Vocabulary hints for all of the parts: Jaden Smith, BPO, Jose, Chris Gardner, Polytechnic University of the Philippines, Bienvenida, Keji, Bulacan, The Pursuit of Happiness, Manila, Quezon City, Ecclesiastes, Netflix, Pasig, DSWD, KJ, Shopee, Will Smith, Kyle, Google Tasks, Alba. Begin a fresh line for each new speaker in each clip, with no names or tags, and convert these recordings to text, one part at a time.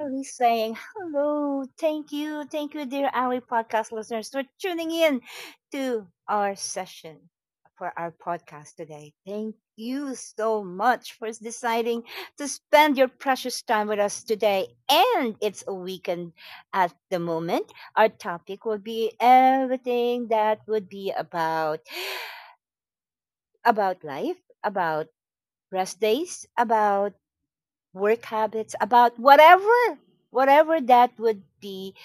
Ali saying hello. Thank you, dear Ali podcast listeners, for tuning in to our session for our podcast today. Thank you so much for deciding to spend your precious time with us today. And it's a weekend at the moment. Our topic will be everything that would be about life, about rest days, about work habits, about whatever that would be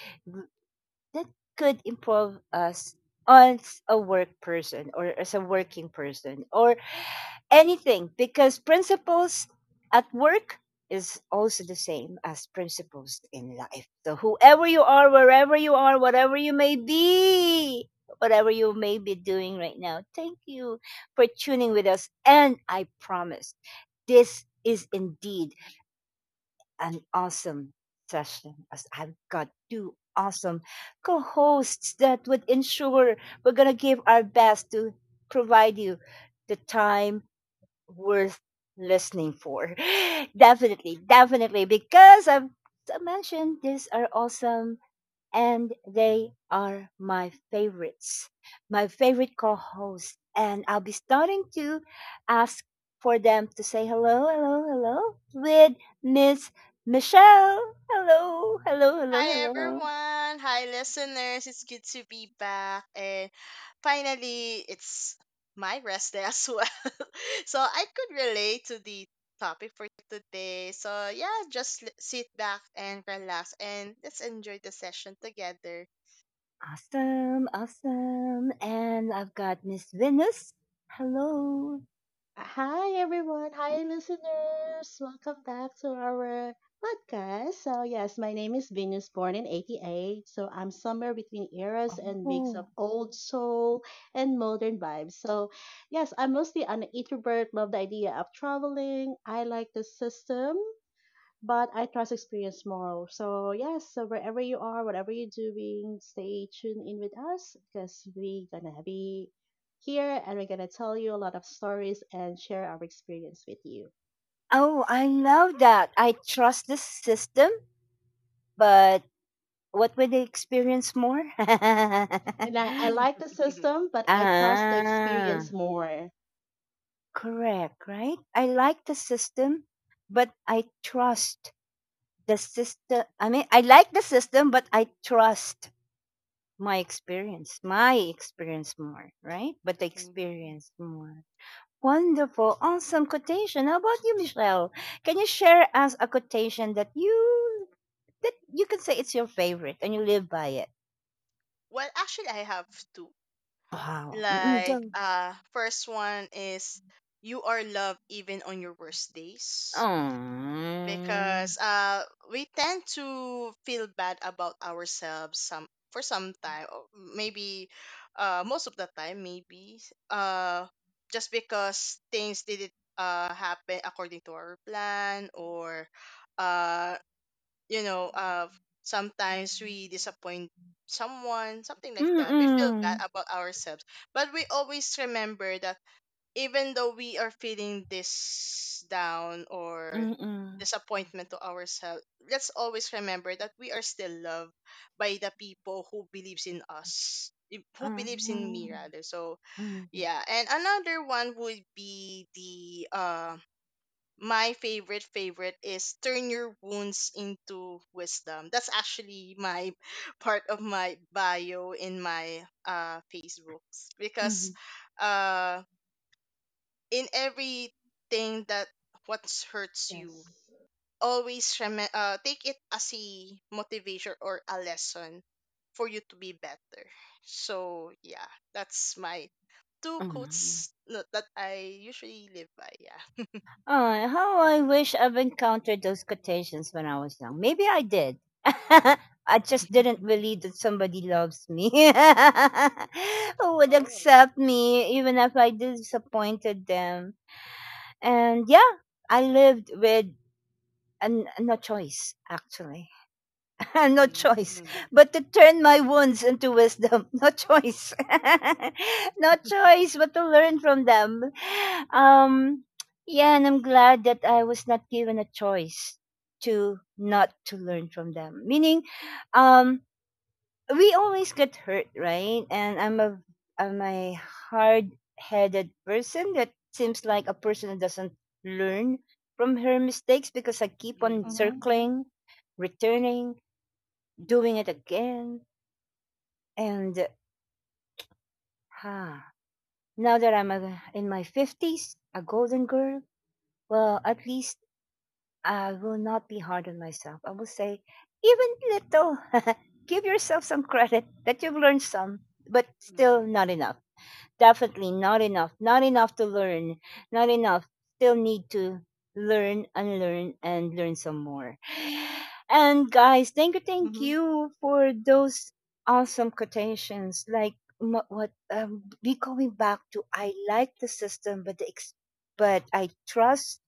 that could improve us as a work person or as a working person or anything because principles at work is also the same as principles in life. So whoever you are, wherever you are, whatever you may be, whatever you may be doing right now, thank you for tuning with us. And I promise this is indeed an awesome session as I've got two awesome co hosts that would ensure we're going to give our best to provide you the time worth listening for. Definitely, definitely, because I've mentioned these are awesome and they are my favorites, my favorite co hosts. And I'll be starting to ask for them to say hello, hello, hello with Miss Michelle. Hello, hello, hello,
Hi
hello.
everyone. Hi listeners. It's good to be back, and finally it's my rest day as well. So I could relate to the topic for today. So yeah, just sit back and relax and let's enjoy the session together.
Awesome, awesome. And I've got Miss Venus. Hello.
Hi, everyone. Hi, listeners. Welcome back to our podcast. So, yes, my name is Venus, born in 88. So, I'm somewhere between eras and mix of
Oh.
old soul and modern vibes. So, yes, I'm mostly an introvert. Love the idea of traveling. I like the system, but I trust experience more. So yes, so wherever you are, whatever you're doing, stay tuned in with us because we gonna be here and we're gonna tell you a lot of stories and share our experience with you.
Oh, I love that. I trust the system, but what would they experience more?
And I like the system, but I trust the experience
Ah,
more.
correct, right? I like the system, but I trust the system. I mean, I like the system, but I trust my experience more, right? But the
Mm.
experience more. Wonderful, awesome quotation. How about you, Michelle? Can you share us a quotation that you can say it's your favorite and you live by it?
Well, actually I have two.
Wow. Mm-mm,
Like
go.
first one is, you are loved even on your worst days,
Oh.
because we tend to feel bad about ourselves some for some time, or maybe most of the time, maybe uh just because things didn't happen according to our plan, or uh you know uh sometimes we disappoint someone, something like that. We feel bad
Mm-mm.
about ourselves, but we always remember that even though we are feeling this down or
Mm-mm.
disappointment to ourselves, let's always remember that we are still loved by the people who believes in us, who
Ah,
believes in
mhm,
me rather. So
mhm,
yeah. And another one would be the my favorite is, turn your wounds into wisdom. That's actually my part of my bio in my Facebooks,
mhm.
because uh, in everything that what hurts, you
Yes.
always take it as a motivation or a lesson for you to be better. So yeah, that's my two quotes, no, that I usually live by, yeah.
Oh, how I wish I've encountered those quotations when I was young. Maybe I did. I just didn't believe that somebody loves me who would
Oh.
accept me even if I disappointed them. And yeah, I lived with an, no choice, actually. No choice
Mm-hmm.
but to turn my wounds into wisdom. No choice. No choice but to learn from them. Um, yeah, and I'm glad that I was not given a choice to not to learn from them. Meaning, um, we always get hurt, right? And I'm a hard-headed person that seems like a person that doesn't learn from her mistakes because I keep on
Mm-hmm.
Mm-hmm.
circling, returning, doing it again. And ah, now that in my 50s, a golden girl, well, at least I will not be hard on myself. I will say, even little, give yourself some credit that you've learned some, but still not enough. Definitely not enough. Not enough to learn. Not enough. Still need to learn, unlearn, and learn some more. And guys, thank you, thank
Mm-hmm.
you for those awesome quotations. Like mo- what be going back to, I like the system but but I trust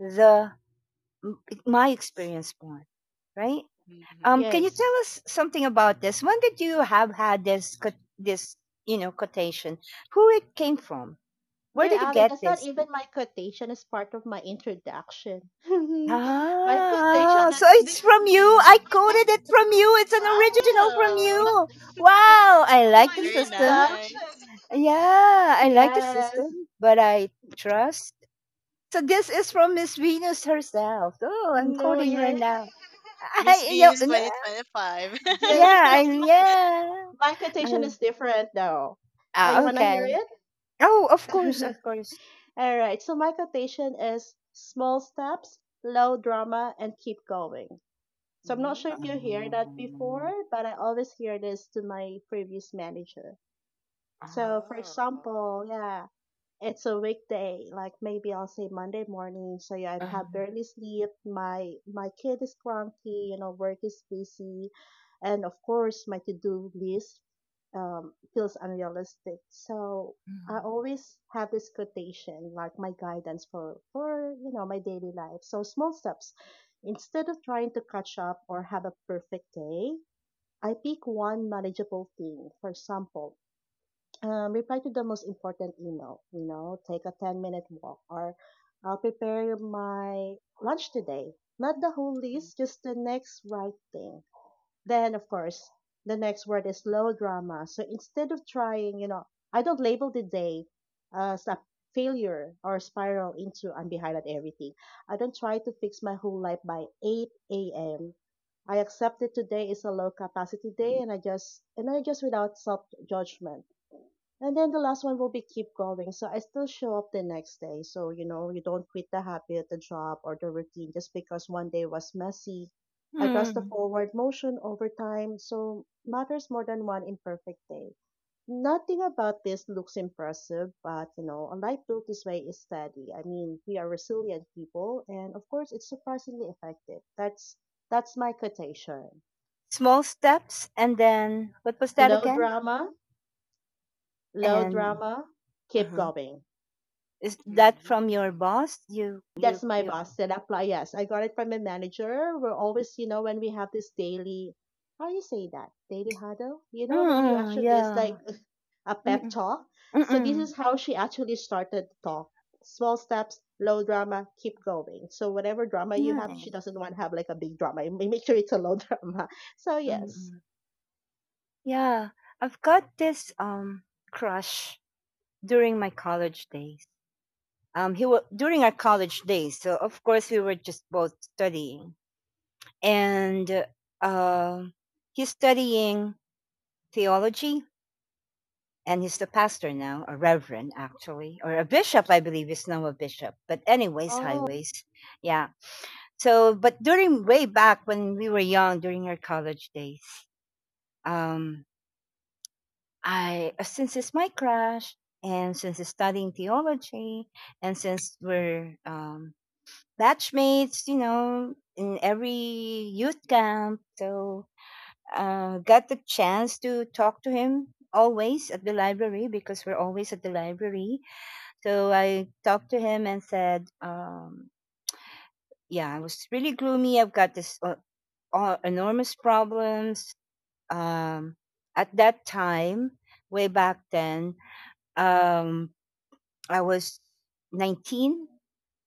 the m- my experience more, right?
Mm-hmm.
Can you tell
Yes.
us something about this? When did you have had this this quotation? Who it came from? Where
Dear
did you
Ali,
get
that's not
this?
even my quotation. It's part of my introduction. My
Ah,
quotation
so
is
it's from you. I coded
Mm-hmm.
it from you. It's an original from
Wow,
you.
as
Wow,
part
I
of
like
my
the
very
system.
introduction.
nice,
Yeah, I like the
Yes.
system, but I trust. So this is from Miss Venus herself. Oh, I'm
No,
coding her
yes.
now.
Miss
I, yeah,
Venus
no,
Yes.
2025.
Yes,
yeah, I,
because my,
yeah.
my quotation
Um,
is different though. Are you wanna
okay.
hear it?
Oh, of course, of course.
All right. So my quotation is small steps, low drama, and keep going. So I'm not
Mm.
sure if you hear
Uh,
that before, but I always hear this to my previous manager. So for
Oh.
example, yeah, it's a weekday, like maybe I'll say Monday morning. So yeah, I
uh,
have barely sleep, my kid is cranky, you know, work is busy, and of course my to-do list feels unrealistic. So I always have this quotation like my guidance for you know my daily life. So small steps: instead of trying to catch up or have a perfect day, I pick one manageable thing. For example, reply to the most important email, you know, take a 10-minute minute walk, or I'll prepare my lunch today. Not the whole
Mhm.
list, just the next right thing. Then of course the next word is low drama. So instead of trying, you know, I don't label the day as a failure or spiral into I'm behind at everything. I don't try to fix my whole life by 8 a.m. I accept that today is a low capacity day, and I just, without self judgment. And then the last one will be keep going. So I still show up the next day. So, you know, you don't quit the habit, the job, or the routine just because one day was messy. I
uh,
trust the forward motion over time. So matters more than one imperfect day. Nothing about this looks impressive, but you know, a life built this way is steady. I mean, we are resilient people, and of course, it's surprisingly effective. That's my quotation.
Small steps, and then what was that
Low
again?
drama, low
And
drama, keep
uh
going.
is that from your boss? You you
That's my
you.
boss that apply. Yes, I got it from my manager. We're always, you know, when we have this daily, how do you say that? Daily huddle? You know, when you
Mm,
actually, it's like
yeah.
a pep
Mm-mm,
talk. So this
mm-mm.
is how she actually started the
Yeah.
talk. Small steps, low drama, keep going. So whatever drama you have, she
Nice.
doesn't want to have like a big drama. Make sure it's a low drama. So yes.
Mm-mm. Yeah, I've got this crush during my college days. He was during our college days, so of course we were just both studying, and uh, he's studying theology and he's the pastor now, a reverend actually, or a bishop, I believe. He's now a bishop. But anyways,
Oh,
highways, yeah. So, but during way back when we were young, during our college days, um, I since it's my crush, and since it's studying theology, and since we're batchmates, in every youth camp, so got the chance to talk to him always at the library because we're always at the library. So I talked to him and said, "Yeah, I was really gloomy. I've got this enormous problems." Um, at that time, way back then, um, I was 19,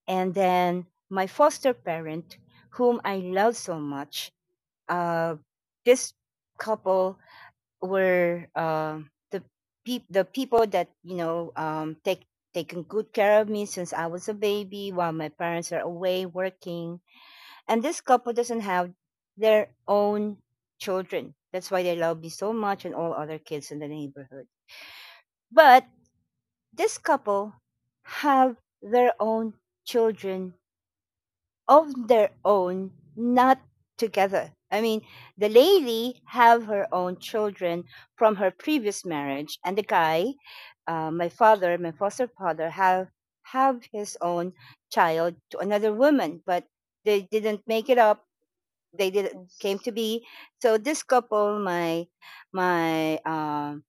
and then my foster parent, whom I love so much, uh, this couple were the people that taken good care of me since I was a baby while my parents are away working. And this couple doesn't have their own children. That's why they love me so much and all other kids in the neighborhood. But this couple have their own children of their own, not together. I mean, the lady have her own children from her previous marriage, and the guy, my father, my foster father, have his own child to another woman, but they didn't make it up. They didn't came
yes.
to be. So this couple, my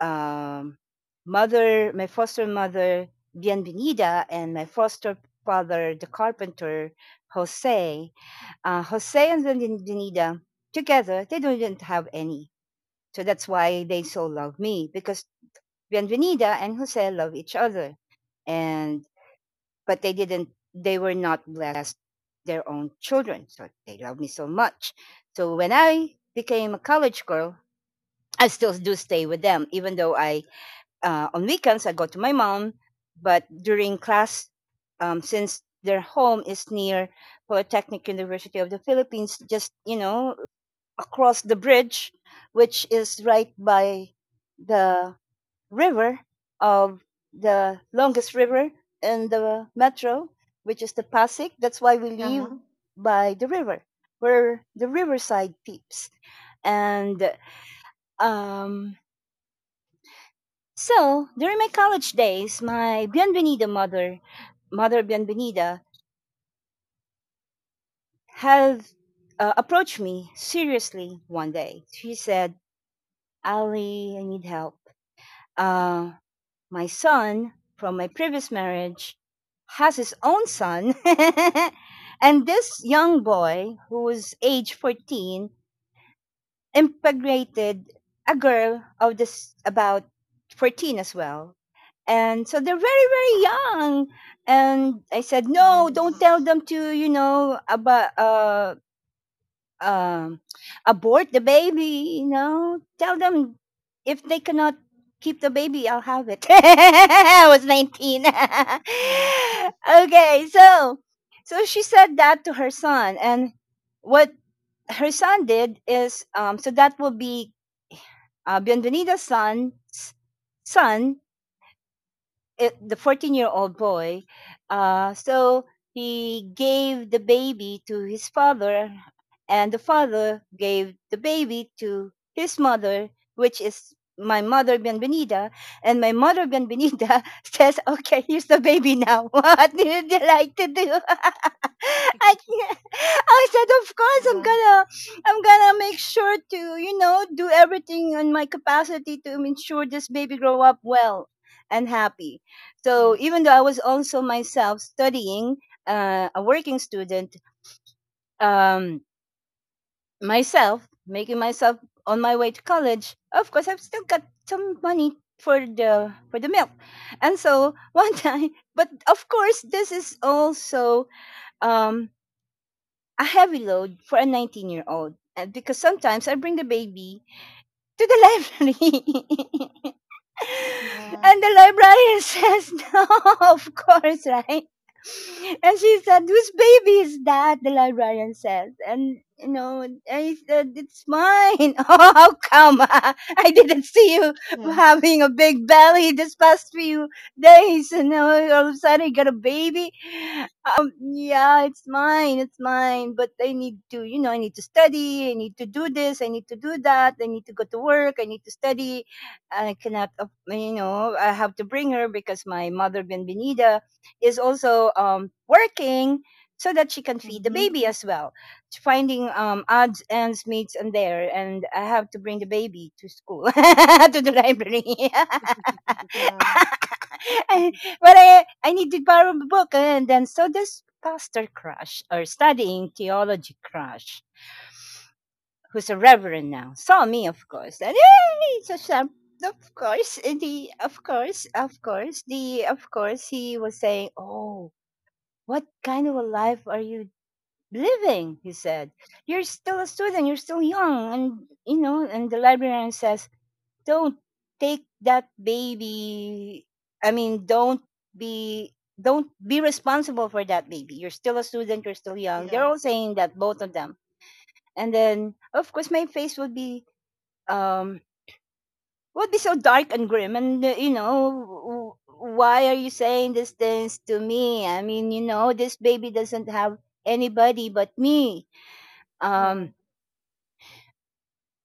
um, mother, my foster mother, Bienvenida, and my foster father, the carpenter, Jose. Jose and Bienvenida, together, they didn't have any. So that's why they so love me, because Bienvenida and Jose love each other. And, but they were not blessed their own children. So they love me so much. So when I became a college girl, I still do stay with them, even though I on weekends I go to my mom, but during class, since their home is near Polytechnic University of the Philippines, just across the bridge, which is right by the river of the longest river in the metro, which is the Pasig. That's why we live
Uh-huh.
by the river. We're the riverside peeps, and um, so during my college days, my Bienvenida mother, Mother Bienvenida, had approached me seriously one day. She said, "Ali, I need help. Uh, my son from my previous marriage has his own son, and this young boy who was age 14 impregnated a girl of this about 14 as well. And so they're very, very young. And I said, no, don't tell
Yes.
them to, about, um, abort the baby, tell them if they cannot keep the baby, I'll have it. I was 19.
Yes.
Okay, so so she said that to her son, and what her son did is, so that will be Bienvenida's son, son it, the 14-year-old boy. So he gave the baby to his father, and the father gave the baby to his mother, which is my mother Bienvenida. And my mother Bienvenida says, Okay, here's the baby now. What do you like to do? I, can't- I said, Of course, I'm
Yeah.
gonna. I'm gonna make sure to, you know, do everything in my capacity to ensure this baby grow up well and happy. So even
Yes.
though I was also myself studying, a working student, um, myself, making myself on my way to college, of course, I've still got some money for the milk. And so one time, but of course, this is also um, a heavy load for a 19-year-old. Because sometimes I bring the baby to the library
Yeah.
and the librarian says, No, of course, right? And she said, Whose baby is that? The librarian says. And, you know, I said, It's mine. Oh, how come? I didn't see you
Yes.
having a big belly this past few days. And now all of a sudden you got a baby. Yeah, it's mine. It's mine. But I need to study. I need to do this. I need to do that. I need to go to work. I need to study. I cannot, I have to bring her because my mother Benvenida is also working so that she can feed the
Mm-hmm.
baby as well. Finding odds ends meets in there, and I have to bring the baby to school to the library.
Yeah.
I- but I need to borrow the book, and then so this pastor crush or studying theology crush who's a reverend now, saw me, of course. And hey, so some, of course, the, of course, the, of course, he was saying, "Oh, what kind of a life are you living?" He said, "You're still a student. You're still young." And the librarian says, "Don't take that baby. I mean, don't be." Don't be responsible for that baby. You're still a student. You're still young. They're
Yeah,
all saying that, both of them. And then, of course, my face um would be so dark and grim, and you know, why are you saying these things to me? I mean, you know, this baby doesn't have anybody but me.
yeah,
um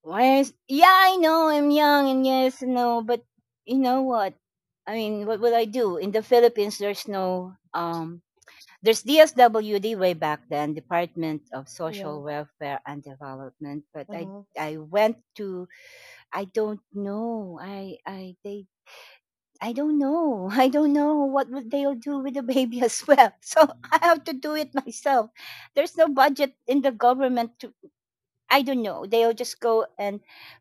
why is... yeah, I know, I'm young. And yes, no, but you know what I mean? What will I do in the Philippines? There's no... there's DSWD way back then, Department of
yeah,
Social Welfare and Development. But i
uh-huh,
i went to... I don't know. I they I don't know. I don't know what would they'll do with the baby as well. So I have to do it myself. There's no budget in the government to... I don't know. They'll just go and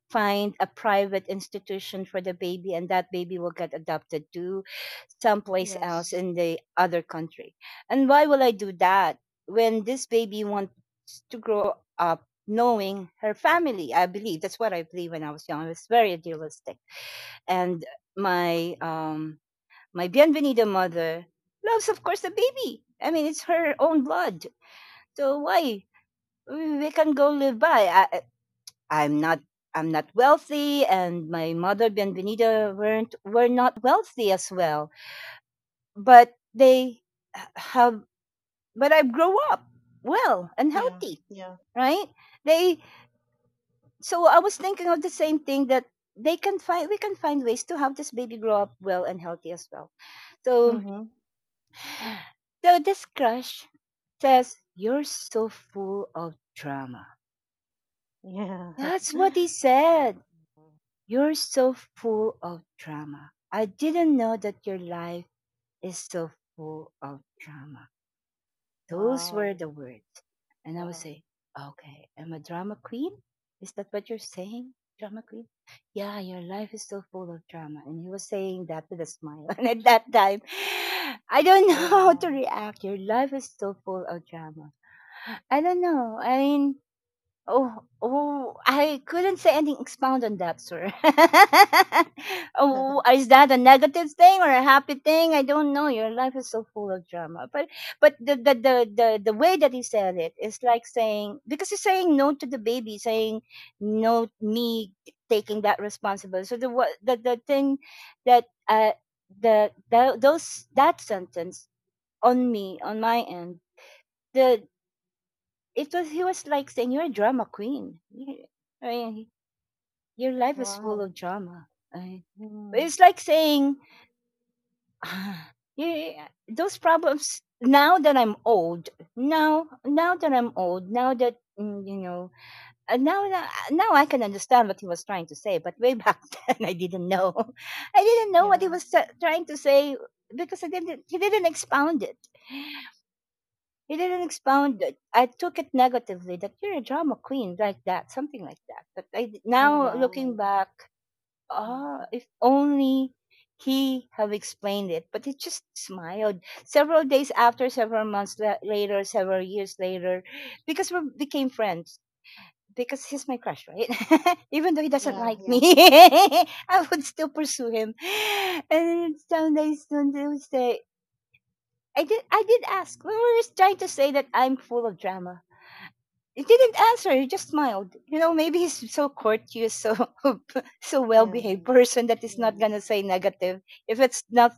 find a private institution for the baby, and that baby will get adopted to someplace else
yes,
in the other country. And why will I do that when this baby wants to grow up knowing her family? I believe that's what I believe when I was young. I was very idealistic. And my um my Bienvenida mother loves, of course, the baby. I mean, it's her own blood. So why we can go live by? I'm not. I'm not wealthy, and my mother Bienvenida were not wealthy as well. But have. But I grow up well and
yeah,
healthy,
yeah,
right? They. So I was thinking of the same thing, that they can find. We can find ways to have this baby grow up well and healthy as well. So
Oh.
mm-hmm,
This crush says, "You're so full of drama."
yeah,
That's what he said. "You're so full of drama. I didn't know that your life is so full of drama." Those were
wow,
the words. And I would
wow,
say, "Okay, I'm a drama queen? Is that what you're saying? Drama queen?" "Yeah, your life is so full of drama." And he was saying that with a smile. And at that time, I don't
oh
know how to
wow,
react. Your life is so full of drama. I don't know. I mean, oh, I couldn't say anything, expound on that, sir. Oh, is that a negative thing or a happy thing? I don't know. Your life is so full of drama. But, the way that he said it is like saying, because he's saying no to the baby, saying no, me taking that responsibility. So the thing that the those, that sentence on me, on my end. The it was he was like saying, "You're a drama queen." I mean, your life is full
wow,
of drama. I mean, but
mm,
it's like saying, "Ah, yeah, those problems. Now that I'm old, now that I'm old, now that mm, you know, now I can understand what he was trying to say." But way back then, I didn't know. I didn't know what he
yeah,
was trying to say because I didn't. He didn't expound it. You didn't expound it. I took it negatively, that you're a drama queen, like that, something like that. But
oh
now looking
wow,
back, ah, if only he have explained it. But he just smiled. Several days after, several months later, several years later, because we became friends. Because he's my crush, right? Even though he doesn't
yeah,
like me,
yeah,
I would still pursue him. And some days, I did ask. We were just trying to say that I'm full of drama. He didn't answer. He just smiled. You know, maybe he's so courteous, so
yeah,
well-behaved person that he's not gonna
yes,
say negative. If it's not,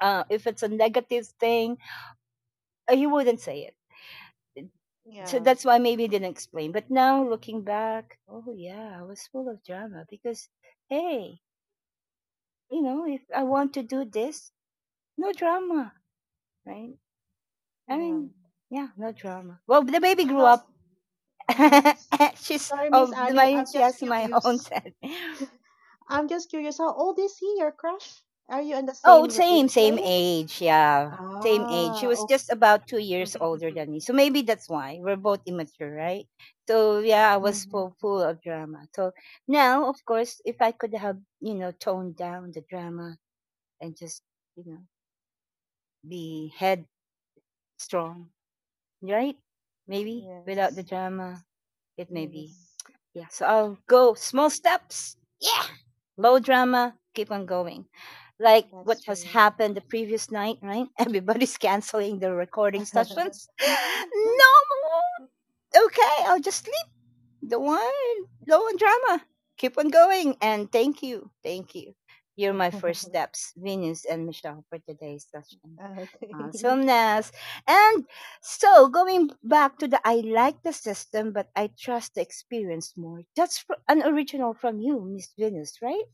if it's a negative thing, he wouldn't say it. So
yeah,
that's why maybe he didn't explain. But now looking back, oh yeah, I was full of drama. Because, hey, you know, if I want to do this, no drama, right? I
yeah,
mean, yeah, no drama. Well, the baby grew
uh-huh,
up.
uh-huh.
She's
Sorry, Miss
of the
Ali,
my
I'm
she
just
has my own
curious.
set.
I'm just curious, how old is he, your crush? Are you in the
Oh,
same
same,
age
same
range?
age. Yeah, same age. She
Ah,
was just about 2 years older than me, so maybe that's why we're both immature, right? So yeah, I was
okay.
full of drama. So now, of course, if I could have toned down the drama and just you know be headstrong, right? Maybe without the
Yes,
drama, it may be...
yes,
Yeah, so I'll go small steps. Yeah. Low drama. Keep on going. Like
that's
what has
true.
happened the previous night, right? Everybody's canceling the recording sessions. No. Okay, I'll just sleep. Don't worry. Low on drama. Keep on going. And thank you. Thank you. You're my first steps, Venus and Michelle, for today's session.
Okay.
Awesomeness. And so, going back to the "I like the system, but I trust the experience more." That's an original from you, Miss Venus, right?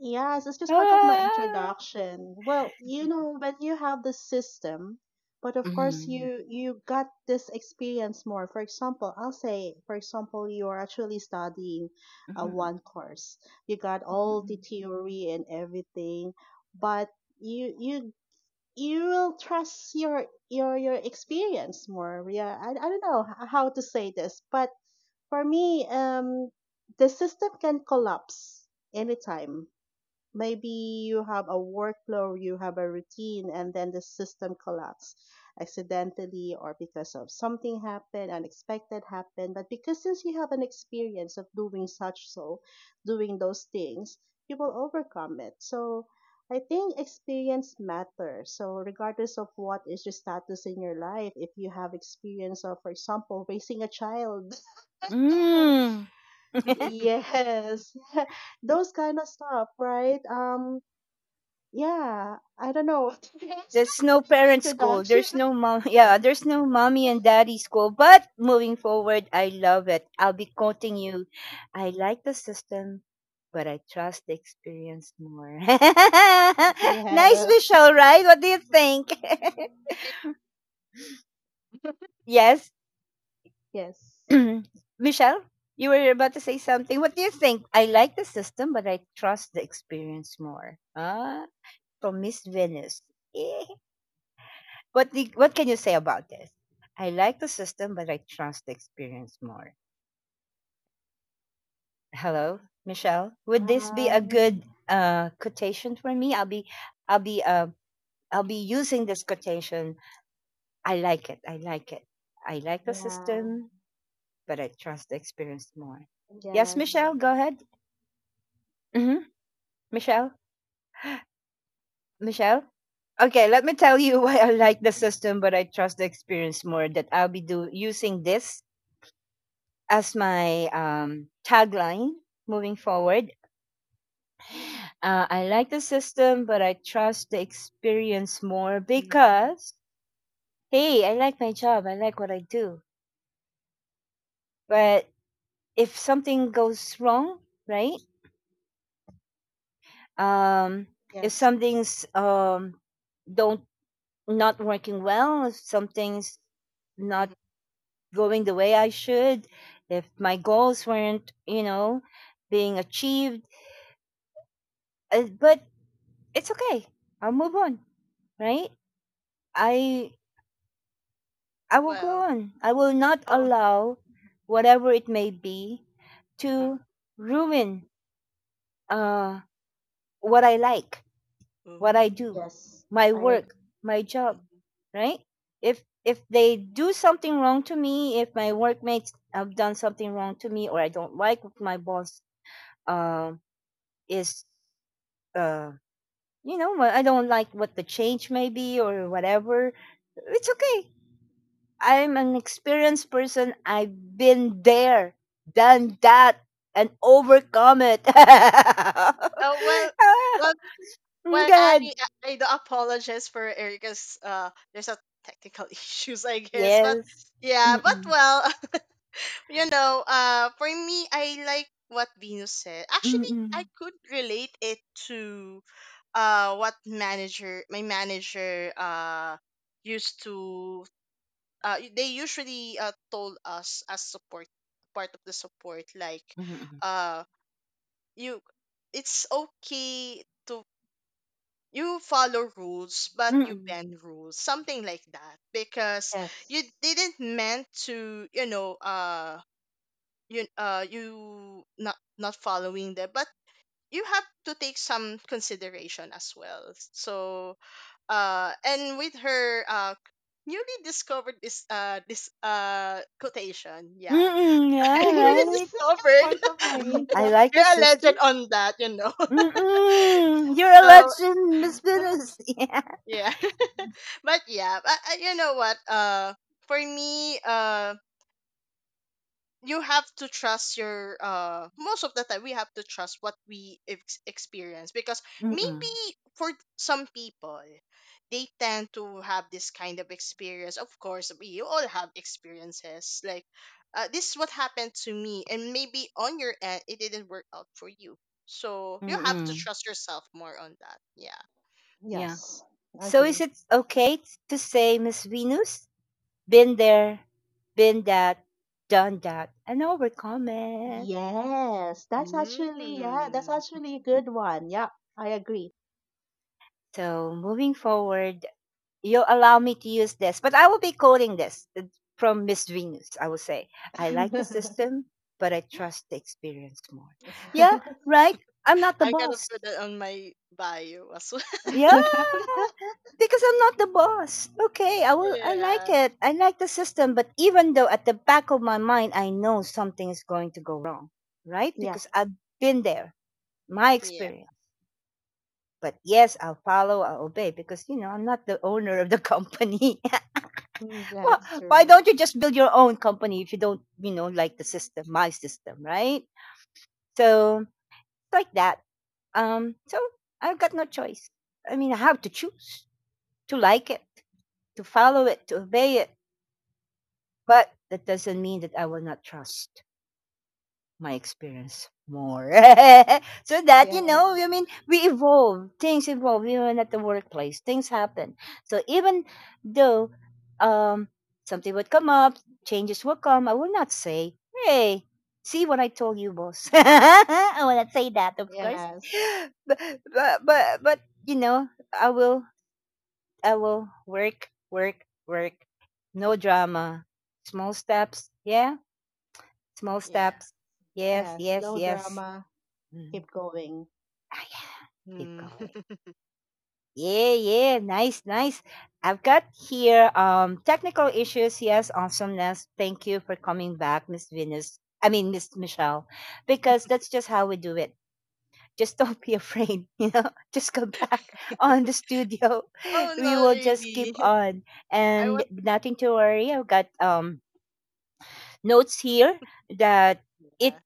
Yes, it's just part of my
Ah.
introduction. Well, you know, when you have the system, but of course
Mhm,
you got this experience more. For example, I'll say, for example, you are actually studying one
mhm,
course. You got all the
mhm,
theory and everything, but you you you will trust your experience more. Yeah, I don't know how to say this, but for me, the system can collapse anytime. Maybe you have a workflow, you have a routine, and then the system collapsed accidentally or because of something happened, unexpected happened. But because since you have an experience of doing such so, doing those things, you will overcome it. So I think experience matters. So regardless of what is your status in your life, if you have experience of, for example, raising a child,
mhm. Mm.
yes, those kind of stuff, right? Yeah, I don't know. It's
There's
just
no
been my
parent school.
introduction.
There's no mom. Yeah, there's no mommy and daddy school. But moving forward, I love it. I'll be quoting you. "I like the system, but I trust the experience more." nice,
Yes.
Michelle. Right? What do you think?
I
Yes,
Yes.
Michelle. You were about to say something. What do you think? "I like the system, but I trust the experience more." Ah, from Miss Venus. What can you say about this? "I like the system, but I trust the experience more." Hello, Michelle. Would this be a
Um.
good quotation for me? I'll be uh, I'll be using this quotation. I like it. I like it. "I like the
Yeah.
system, but I trust the experience more." Yes,
Yes.
Michelle. Go ahead. hmm Michelle. Michelle. Okay, let me tell you why I like the system, but I trust the experience more. That I'll be do using this as my tagline moving forward. I like the system, but I trust the experience more.
Mhm.
Because, hey, I like my job, I like what I do. But if something goes wrong, right? Um, if
Yes.
something's don't not working well, if something's not
Mhm.
going the way I should, if my goals weren't, you know, being achieved, but it's okay. I'll move on, right? I I will go
Well,
on. I will not
oh,
allow whatever it may be
uh,
to ruin uh what I like, what I
oh,
do,
Yes.
my
I agree.
work, my job,
mhm.
right? If they do something wrong to me, if my workmates have done something wrong to me, or I don't like what my boss um is uh you know, well, I don't like what the change may be or whatever, it's okay. I'm an experienced person. I've been there, done that, and overcome it.
Oh, well,
Ah,
well, well,
God,
Annie, I do apologize for Erica's. There's a technical issues, I guess, but
yes.
yeah, but
Mm-mm.
well, for me, I like what Venus said. Actually, I
Mm-mm.
could relate it to what manager my manager used to they usually told us, as support, part of the support, like
Mm-mm.
uh you it's okay to you follow rules, but you
Mm-mm.
bend rules, something like that, because you
Yes.
didn't meant to, you you not following them, but you have to take some consideration as well. So and with her newly discovered this quotation, yeah,
Mm-mm. Yeah,
newly
Yes.
right.
It's just
discovered,
part of my
Mhm. I
intro.
like
you're
the
a
system.
legend on that.
Mm-mm. You're a
So
legend, Miss Venus. Yeah.
yeah, but yeah, but, you know what? For me, you have to trust your most of the time we have to trust what we experience, because
Mm-mm.
maybe for some people they tend to have this kind of experience. Of course we all have experiences, like this is what happened to me, and maybe on your end it didn't work out for you, so you have to
Mm-mm.
trust yourself more on that, yeah.
Yeah.
Yes. I
So, is
agree.
it okay to say, Miss Venus, been there, been that, done that, and overcome it?
Yes. That's actually yeah. That's
Mm.
actually a good one. Yeah. I agree.
So moving forward, you'll allow me to use this, but I will be quoting this from Miss Venus. I will say, "I like the
Yeah.
system, but I trust the experience more." Yeah,
Wow.
right? I'm not the
I'm gonna
boss.
put that on my bio as well.
Yeah, because I'm not the boss. Okay, I will. I like
Yeah,
it. I like the system, but even though at the back of my mind, I know something is going to go wrong, right? Because I've been there, my
yeah,
experience. But yes, I'll follow, I'll obey, because you know I'm not the owner of the company.
Mm,
Well,
that's
why
true.
don't you just build your own company if you don't, you know, like the system, my system, right? So, like that. So I've got no choice. I mean, I have to choose to like it, to follow it, to obey it. But that doesn't mean that I will not trust my experience more. So that, you know,
Yes.
I mean, we evolve, things evolve, even at the workplace, things happen. So even though um, something would come up, changes will come, I will not say, "Hey, see what I told you, boss." I will not say that, of course.
Yes.
But, but, you know, I will work, work, work. No drama. Small steps. Yeah. Small
yeah.
steps. Yes,
Yes.
yes,
Low
yes.
drama.
Mhm.
Keep going.
Ah, yeah, keep
Mm.
going. Yeah, yeah, nice, nice. I've got here technical issues. Yes, awesomeness. Thank you for coming back, Miss Venus. I mean, Miss Michelle, because that's just how we do it. Just don't be afraid, you know. Just go back on the studio.
Oh,
We
not
will just keep
really.
on,
I was,
and nothing to worry. I've got notes here that it
yeah,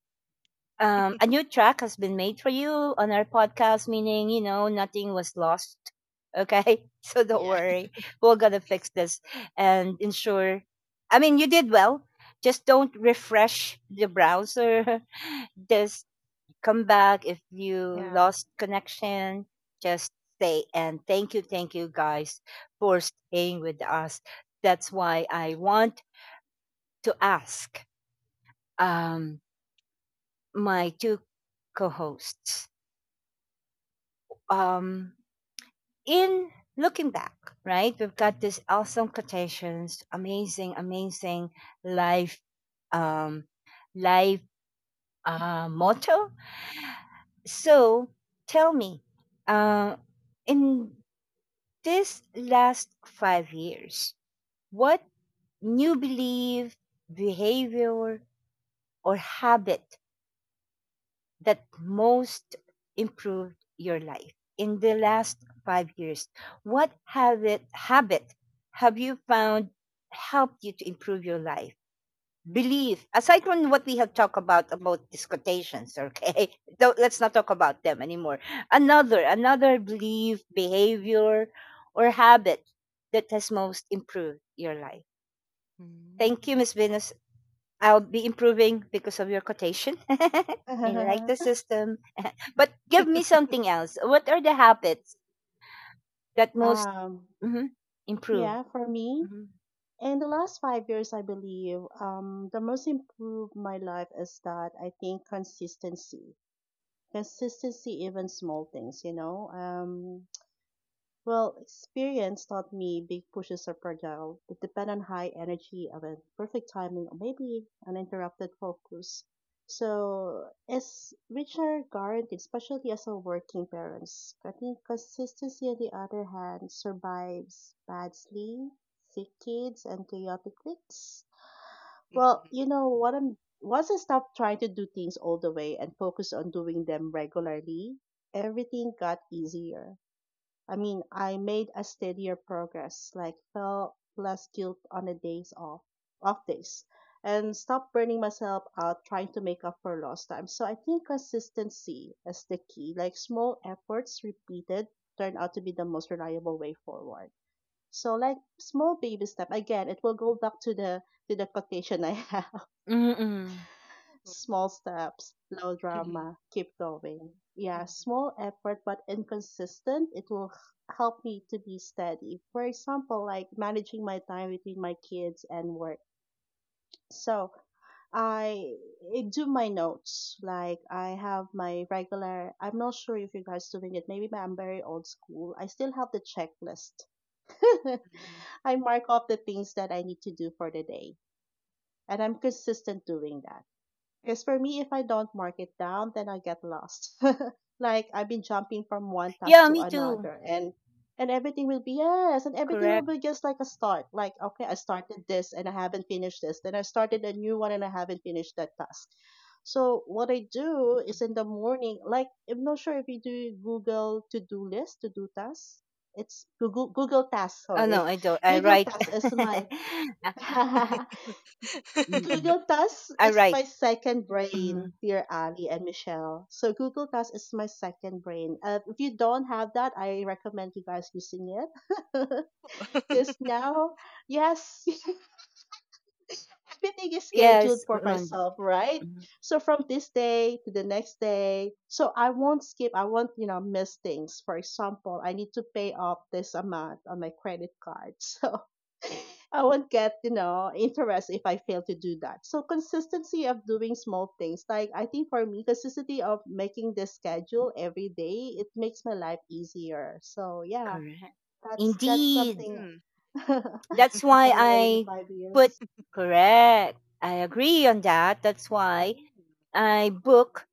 a new track has been made for you on our podcast, meaning, you know, nothing was lost. Okay. So don't
yeah.
worry. We're going to fix this and ensure. I mean, you did well. Just don't refresh the browser. Just come back if you
Yeah.
lost connection. Just stay. And thank you guys for staying with us. That's why I want to ask um, my two co hosts, um, in looking back, right, we've got these awesome quotations, amazing, amazing life, um, life motto. So tell me, uh, in this last 5 years, what new belief, behavior, or habit that most improved your life in the last 5 years? What habit have you found helped you to improve your life? Believe, aside from what we have talked about these quotations, okay? Don't, let's not talk about them anymore. Another, another belief, behavior, or habit that has most improved your life. Thank you,
Mm.
Miss Venus. I'll be improving because of your quotation. I like the system. But give me something else. What are the habits that most
um,
mhm, improved?
yeah, for me,
Mhm.
in the last 5 years, I believe, the most improved my life is that I think consistency. Consistency, even small things, you know. Well, experience taught me big pushes are fragile, that depend on high energy, of a perfect timing, or maybe uninterrupted focus. So, as Richard guaranteed, especially as a working parents, I think consistency, on the other hand, survives bad sleep, sick kids, and chaotic weeks. Well,
Mhm.
you know what I'm. Once I stopped trying to do things all the way and focused on doing them regularly, everything got easier. I mean, I made a steadier progress, like felt less guilt on the days off, off days, and stopped burning myself out trying to make up for lost time. So I think consistency is the key. Like small efforts repeated turn out to be the most reliable way forward. So like small baby step again, it will go back to the quotation I had.
Mhm, mhm.
Oh.
Small steps, low drama, keep going. Yeah, small effort but inconsistent, it will help me to be steady. For example, like managing my time between my kids and work. So I do my notes. Like I have my regular, I'm not sure if you guys doing it. Maybe I'm very old school. I still have the checklist.
Mhm.
I mark off the things that I need to do for the day. And I'm consistent doing that. Because for me, if I don't mark it down, then I get lost. Like I've been jumping from one task
Yeah,
to
me too.
another, and everything will be yes, and everything will
Correct.
be just like a start. Like okay, I started this and I haven't finished this. Then I started a new one and I haven't finished that task. So what I do is in the morning, like I'm not sure if you do Google to do list, to do tasks. It's Google Tasks.
Oh
Sorry,
no, I don't. I
Google
write.
Tasks is my
Ah, mm-mm.
Google Task
I
is
write.
my second
Mhm.
brain, dear Ali and Michelle. So Google Task is my second brain. If you don't have that, I recommend you guys using it. Because now, yes, everything is scheduled
Yes,
for
Monday.
myself, right?
Mhm.
So from this day to the next day, so I won't skip. I won't, you know, miss things. For example, I need to pay off this amount on my credit card. So I would get, you know, interest if I fail to do that. So consistency of doing small things. Like I think for me, consistency of making the schedule every day, it makes my life easier. So yeah,
Correct.
that's
Indeed.
something
Mm.
I
That's why
learned in the
I
five
put
years.
correct. I agree on that. That's why
Ooh.
I book,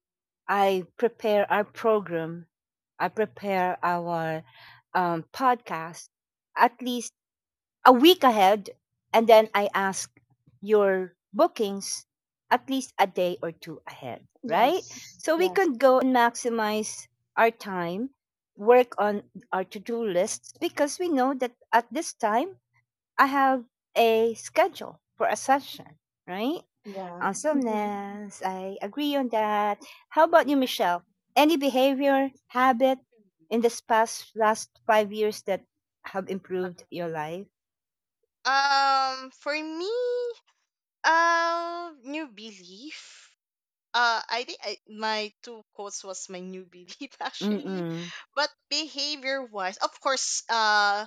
I prepare our program, I prepare our podcast at least a week ahead, and then I ask your bookings at least a day or two ahead, right?
Yes.
So we
Yes.
Ooh.
could go and maximize our time, work on our to do lists because we know that at this time I have a schedule for a session, right?
Yeah. Hmm.
Awesomeness. I agree on that. How about you,
Yeah.
Michelle? Any behavior, habit in this past last 5 years that have improved
Uh-huh.
your life?
For me, new belief. I think my two quotes was my new belief, actually.
Mm-mm.
But behavior wise, of course,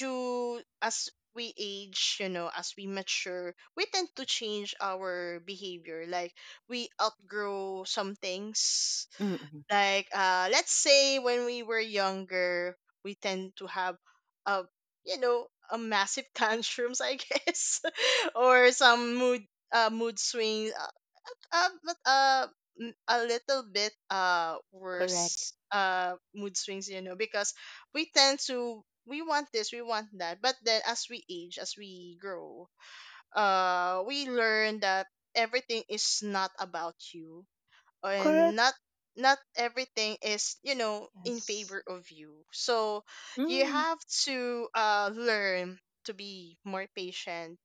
to as we age, you know, as we mature, we tend to change our behavior. Like, we outgrow some things.
Mm-mm.
Like let's say when we were younger, we tend to have a, you know, a massive tantrums, I guess, or some mood mood swings, but a little bit
Correct.
worse mood swings, you know, because we tend to, we want this, we want that, but then as we age, as we grow, we learn that everything is not about you, and
Correct.
not everything is, you know, in
Yes.
favor of you. So you
Mm.
have to learn to be more patient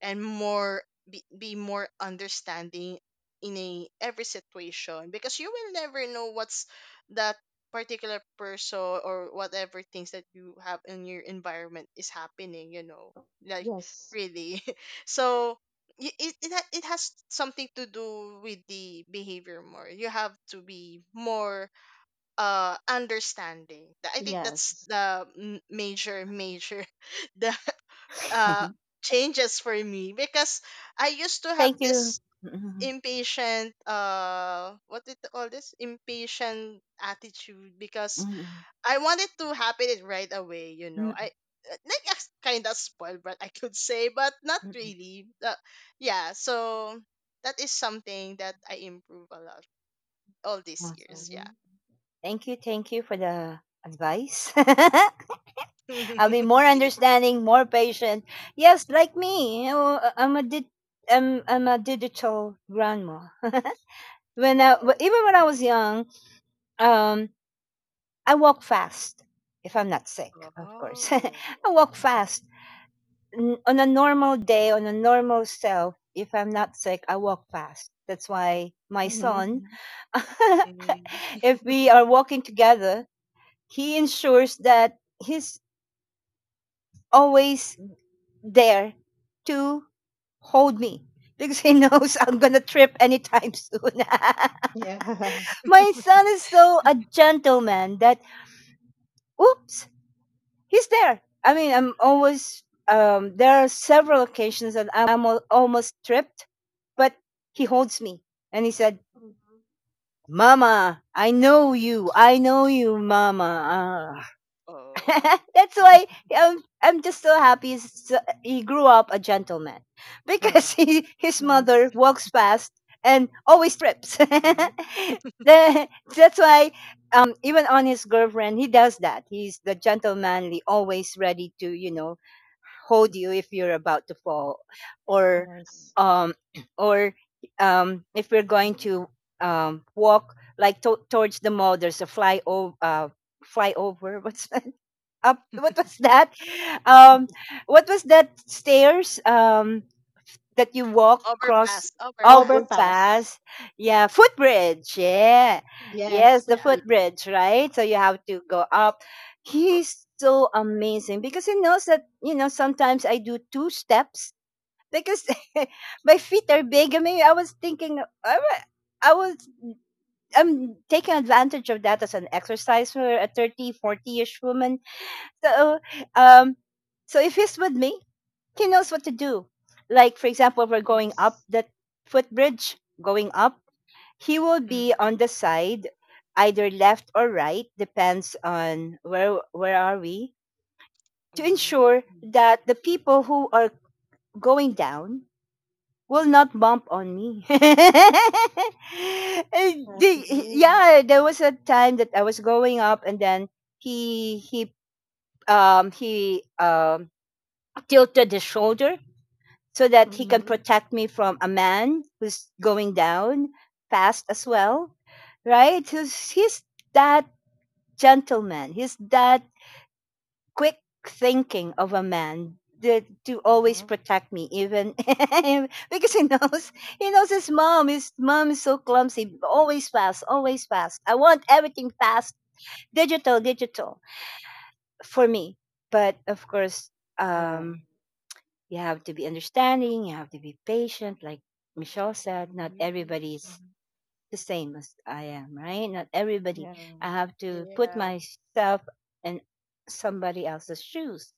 and more be more understanding in a every situation, because you will never know what's that particular person or whatever things that you have in your environment is happening, you know, like,
Yes.
really. So it, it has something to do with the behavior more. You have to be more understanding. I think that's
Yes.
the major the uh changes for me, because I used to have
Thank you.
this
Mm-mm.
impatient, what did you call this, impatient attitude, because
Mm-mm.
I want it to happen it right away, you know.
Mm-mm.
I like kind of spoiled, but I could say, but not
Mm-mm.
really. Yeah, so that is something that I improve a lot all these
Awesome.
years. Yeah.
Mm-hmm.
Thank you. Thank you for the advice. I'll be more understanding, more patient. Yes, like me. You know, I'm a I'm a digital grandma. When
Wow.
even when I was young, um, I walk fast if I'm not sick, of course. I
Oh.
walk fast on a normal day, on a normal self. If I'm not sick, I walk fast. That's why my
Mm-hmm.
son,
Mhm.
if we are walking together, he ensures that he's always there to hold me because he knows I'm gonna trip anytime soon.
Yeah.
My son is so a gentleman that oops he's there. I mean, I'm always there are several occasions that I'm almost tripped, but he holds me and he said,
Hmm.
"Mama, I know you. I know you, Mama."
Oh.
That's why I'm just so happy he's, he grew up a gentleman
Yeah.
because he, his mother
Nice.
walks past and always trips.
Mhm.
The- That's why even on his girlfriend, he does that. He's the gentlemanly, always ready to, you know, hold you if you're about to fall or
Nice.
um or if we're going
Mhm.
to walk like towards the mall there's a fly over flyover what's up what was that um what was that stairs that you walk across
Overpass. Overpass.
Overpass.
overpass yeah footbridge yeah
Yeah.
Yes,
yes the
footbridge.
Yeah.
footbridge right? So you have to go up, he's so amazing because he knows that you know sometimes I do two steps because my feet are big. I mean, I was thinking i, wa- I was I'm taking advantage of that as an exercise for a 30 ish woman so, um, so if he's with me, he knows what to do. Like, for example, we're going up
Yes.
that footbridge, going up, he will be on the side, either left or right, depends on where are we, to
Mm.
ensure that the people who are going down will not bump on me. And
Okay.
yeah, there was a time that I was going up, and then he he he tilted his shoulder so that he can
Mm-hmm.
protect me from a man who's going down fast as well, right? He's that gentleman. He's that quick thinking of a man that, to always
Uh-huh.
protect me, even because he knows his mom. His mom is so clumsy, always fast, always fast. I want everything fast, digital, digital for me. But of course,
Yeah.
um, you have to be understanding, you have to be patient, like Michelle said, not
Mm-hmm.
everybody's the same as I am, right? Not everybody.
Yeah.
I have to put
Yeah.
myself in somebody else's shoes.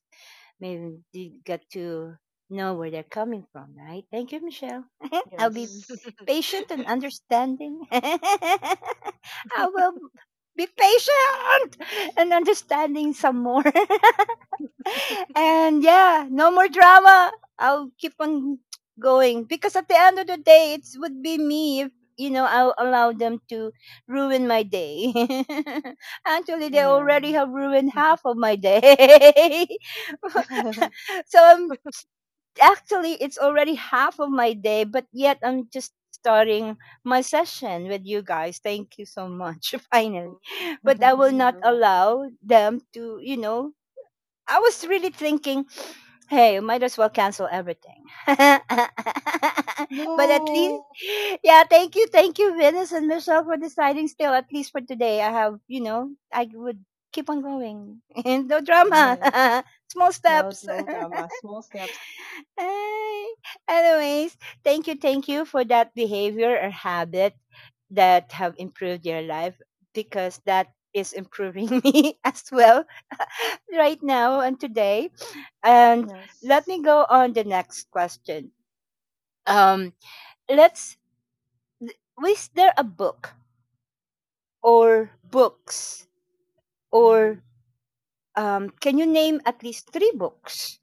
Maybe you get to know where they're coming from, right? Thank you, Michelle. I'll be
Yes.
patient and understanding. I will be patient and understanding some more. And yeah, no more drama. I'll keep on going because at the end of the day, it would be me if you know I'll allow them to ruin my day. Actually, they
Yeah.
already have ruined half of my day. So I'm actually it's already half of my day, but yet I'm just starting my session with you guys. Thank you so much. Finally, but I will not
You're welcome.
allow them to you know I was really thinking, hey, you might as well cancel everything. But at least,
No.
yeah, thank you, Venus and Michelle, for deciding still, at least for today. I have, you know, I would keep on going. No
Yes.
drama, small
No,
steps.
no drama. Small steps.
Ay, anyways, thank you for that behavior or habit that have improved your life because that is improving me as well right now and today. And let
Yes.
me go on the next question. Um, let's was there a book or books
Mm-hmm.
or can you name at least three books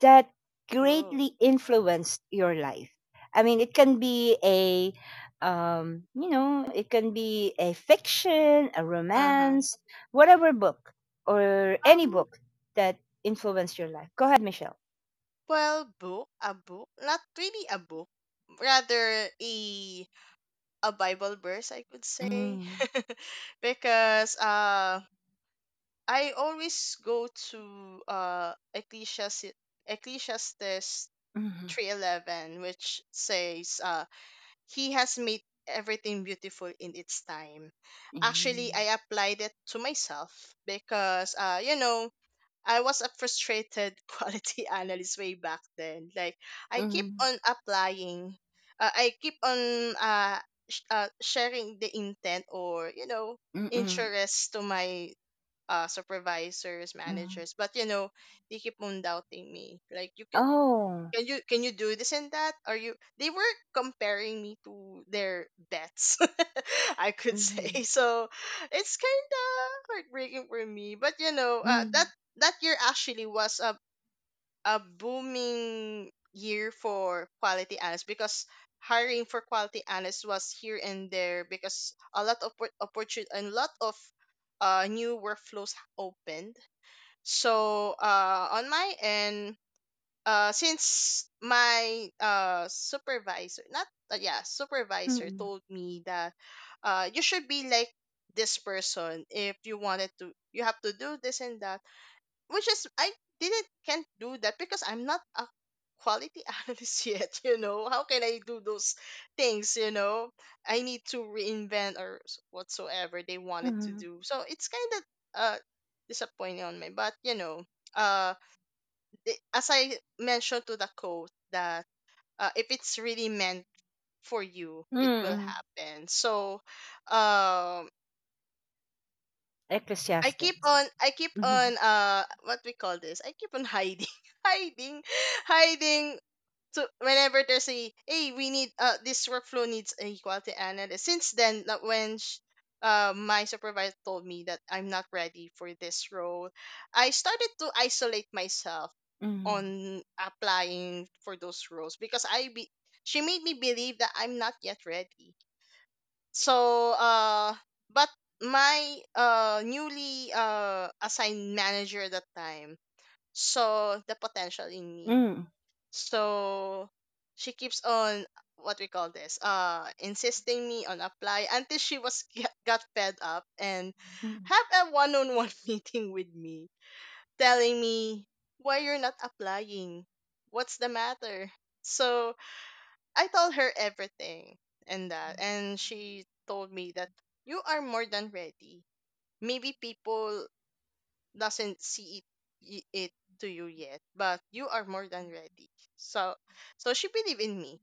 that
Oh.
greatly influenced your life? I mean, it can be a you know, it can be a fiction, a
Uh-huh.
romance, whatever book or any
Um,
book that influenced your life. Go ahead, Michelle.
well, book, a book, not really a book, rather a Bible verse, I could say.
Mm-hmm.
Because I always go to Ecclesiastes 3:11, which says, he has made everything beautiful in its time. Actually,
Hmm,
I applied it to myself, because, you know, I was a frustrated quality analyst way back then. Like, I keep
mm,
on applying. I keep on sharing the intent or, you know,
mm, mm-mm,
interest to my supervisors,
mm.
managers, but you know they keep on doubting me. Like, you can,
Oh,
can you do this and that? Are you, they were comparing me to their bets, I could
mhm,
say. So it's kind of heartbreaking for me, but you know, that
mm,
that year actually was a booming year for quality analysts, because hiring for quality analysts was here and there, because a lot of opportunity and a lot of new workflows opened. So on my end, since my supervisor not yeah, supervisor
mm,
told me that you should be like this person, if you wanted to, you have to do this and that, which is I didn't, can't do that, because I'm not a quality analyst yet, you know. How can I do those things, you know? I need to reinvent or whatsoever they wanted to
mhm,
do. So it's kind of uh disappointing on me, but you know, uh, as I mentioned to the quote that if it's really meant for you, it will
mm.
happen. So, um,
Ecclesiastes.
I keep
Mhm,
on, what we call this? I keep on hiding, hiding, hiding. So whenever there's a, hey, we need this workflow needs a quality analyst, since then, like, when my supervisor told me that I'm not ready for this role, I started to isolate myself
mm,
on applying for those roles, because I, be she made me believe that I'm not yet ready. So but my newly assigned manager at that time saw the potential in me,
mm,
so she keeps on, what we call this, insisting me on apply, until she was got fed up and
mm.
have a one-on-one meeting with me, telling me, why you're not applying, what's the matter. So I told her everything, and that, and she told me that, you are more than ready. Maybe people doesn't see it, it to you yet, but you are more than ready. So, so she believed in me.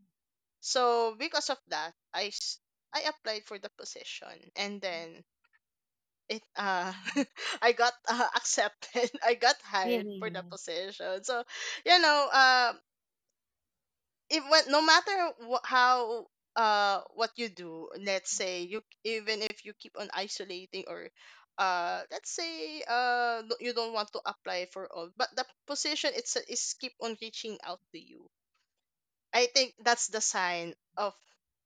So because of that, I applied for the position, and then it I got accepted. I got
Yeah.
hired for the position. So, you know, if what, no matter how what you do, let's say, you, even if you keep on isolating or let's say you don't want to apply for all, but the position it's, is keep on reaching out to you, I think that's the sign of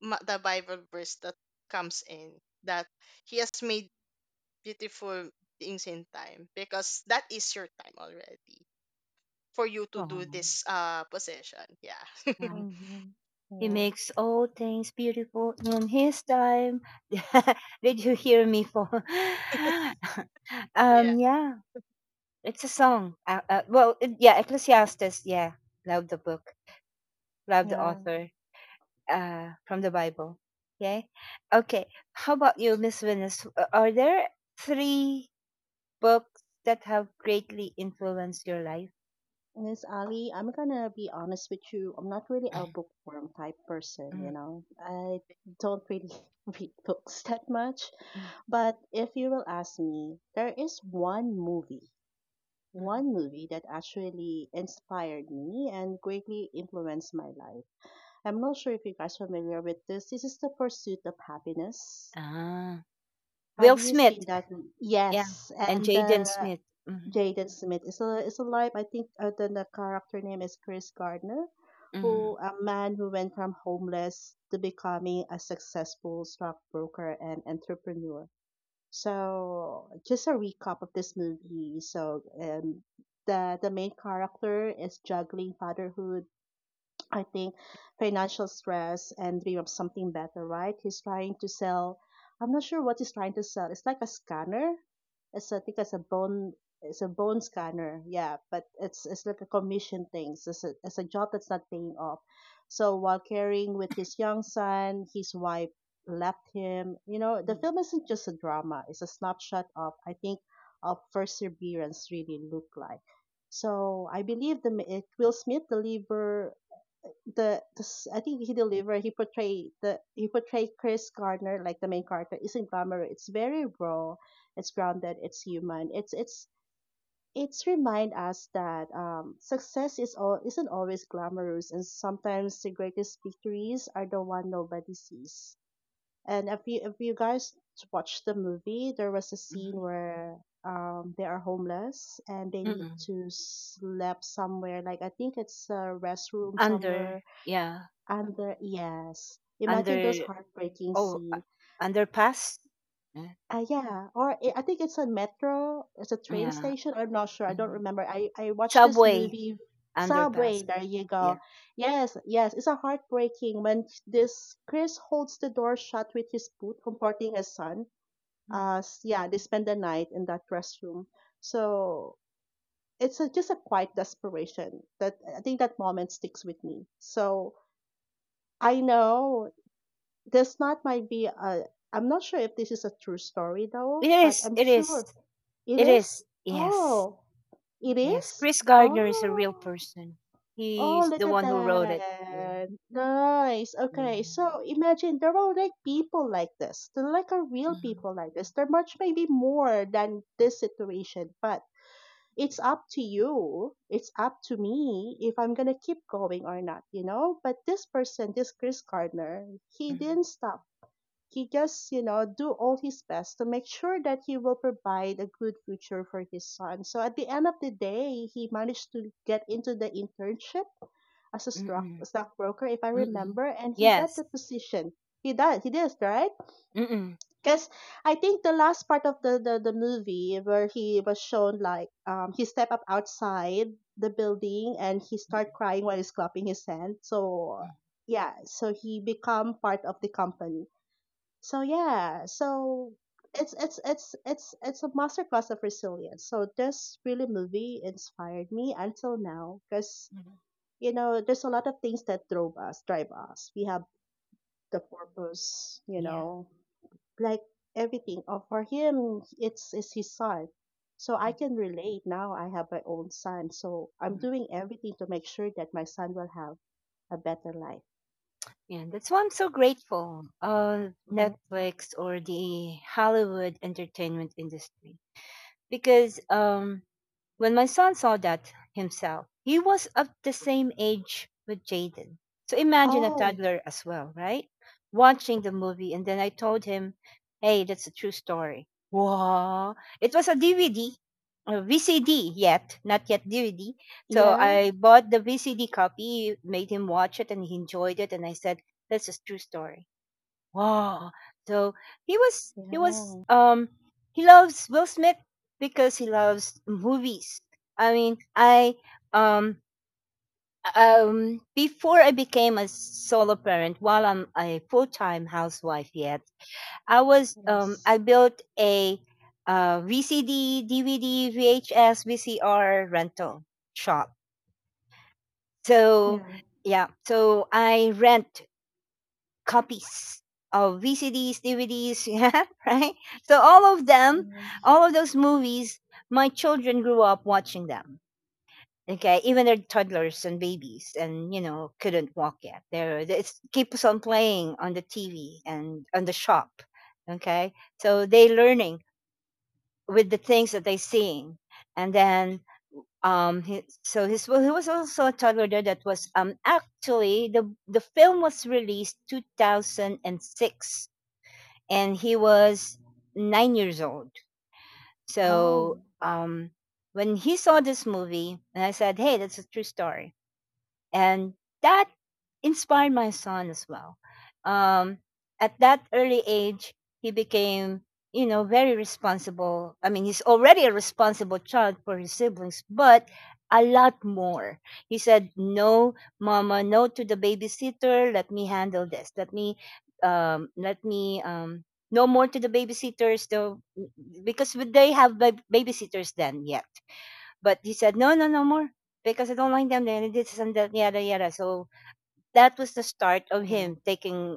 the Bible verse that comes in, that he has made beautiful things in time, because that is your time already for you to do
Wow.
this possession, yeah.
Yeah.
Mm-hmm.
He
Yeah.
makes all things beautiful in his time. Did you hear me for? Yeah. It's a song. Yeah. Ecclesiastes. Yeah. Love the book. Love the
Yeah.
author. From the Bible. Okay. Okay. How about you, Miss Venus? Are there three books that have greatly influenced your life?
Miss Ali, I'm gonna be honest with you. I'm not really a
Mhm,
bookworm type person,
mhm,
you know. I don't really read books that much.
mhm,
But if you will ask me, there is
mhm.
one movie that actually inspired me and greatly influenced my life. I'm not sure if you guys are familiar with this. This is The Pursuit of Happiness.
Ah,
Have
Will
you seen
Smith.
that?
Yeah.
Yes,
And
and
Jaden Smith. Mhm,
Jaden Smith is a life. I think the character name is Chris Gardner,
mhm,
who a man who went from homeless to becoming a successful stockbroker and entrepreneur. So, just a recap of this movie. So, the main character is juggling fatherhood, I think financial stress and dream of something better, right? He's trying to sell. I'm not sure what he's trying to sell. It's like a scanner. It's a, I think it's a bone. It's a bone scanner. Yeah, but it's like a commission thing. So it's a job that's not paying off. So while caring with his young son, his wife left him. You know, the
mhm,
film isn't just a drama. It's a snapshot of I think of perseverance really look like. So I believe Will Smith deliver the s- I think he delivered he portrayed the he portrayed Chris Gardner. Like the main character isn't glamorous. It's very raw. It's grounded. It's human. It's remind us that success is all isn't always glamorous, and sometimes the greatest victories are the one nobody sees. And if you guys watch the movie, there was a scene
mhm,
where they are homeless and they need
mhm.
to sleep somewhere. Like I think it's a restroom
Under.
somewhere
Yeah.
and the yes, imagine
Under.
those heartbreaking
Oh,
scene.
underpass. Yeah.
Yeah, or I think it's a metro, it's a train
Yeah.
station. I'm not sure. I don't
Mhm.
remember. I watched this
Subway
movie. Subway.
underpass.
There you go.
Yeah.
Yes, yes, it's a heartbreaking when this Chris holds the door shut with his boot, comforting his son.
Mhm.
Yeah, they spend the night in that restroom. So it's a, just a quiet desperation that I think that moment sticks with me. So I know this not might be a, I'm not sure if this is a true story
It
though, but
is.
I'm
It is.
sure it
It is.
is.
Yes.
Oh, it
Yes.
is?
Chris Gardner is a real
Oh,
person.
oh,
He's
look
the
at
one who wrote it. Yeah.
that. Nice.
Mm.
Okay, so imagine there are like people like this. There are real
Mm.
people like this. They're much maybe more than this situation, but it's up to you. It's up to me if I'm gonna keep going or not, you know? But this person, this Chris Gardner, he
Mm.
didn't stop. He just do all his best to make sure that he will provide a good future for his son. So at the end of the day, he managed to get into the internship as a
Mm-mm.
stockbroker, if I
Mm-mm.
remember, and he got
Yes.
the position. He does, he does, right?
Mm-mm.
Because I think the last part of the movie where he was shown like he step up outside the building and he start
Mm-mm.
crying while he's clapping his hand. So
Mm.
yeah, so he become part of the company. So yeah, so it's a masterclass of resilience. So this really movie inspired me until now, because
Mm.
you know there's a lot of things that drove us drive us. We have the purpose, you
Yeah.
know, like everything. Oh, for him it's his son. So I
Mm.
can relate. Now I have my own son, so I'm
Mm.
doing everything to make sure that my son will have a better life.
Yeah. That's why I'm so grateful of
Mhm.
Netflix or the Hollywood entertainment industry because when my son saw that himself, he was of the same age with Jaden. So imagine a
Oh
toddler as well, right? Watching the movie. And then I told him, hey, that's a true story. Wow. It was a DVD, a VCD yet, not yet DVD. So
yeah,
I bought the VCD copy, made him watch it, and he enjoyed it. And I said, that's a true story. Wow. So he was
yeah,
he loves Will Smith because he loves movies. I mean, I um before I became a solo parent, while I'm a full-time housewife yet, I was
yes,
I built a VCD, DVD, VHS, VCR rental shop. So
yeah.
yeah, so I rent copies of VCDs, DVDs, yeah, right? So all of them,
Mhm.
all of those movies, my children grew up watching them. Okay, even their toddlers and babies, and you know, couldn't walk yet. There, it keeps on playing on the TV and on the shop. Okay, so they learning with the things that they seeing, and then he, so his well, he was also a toddler there that was actually the film was released 2006 and he was 9 years old.
Oh,
So when he saw this movie, and I said, "Hey, that's a true story," and that inspired my son as well um, at that early age he became you know very responsible. I mean he's already a responsible child for his siblings but a lot more he said no mama no to the babysitter let me handle this let me no more to the babysitters though because they have babysitters then yet but he said, no, no, no more because I don't like them. And this and that, yada, yada. So that was the start of him
yeah,
taking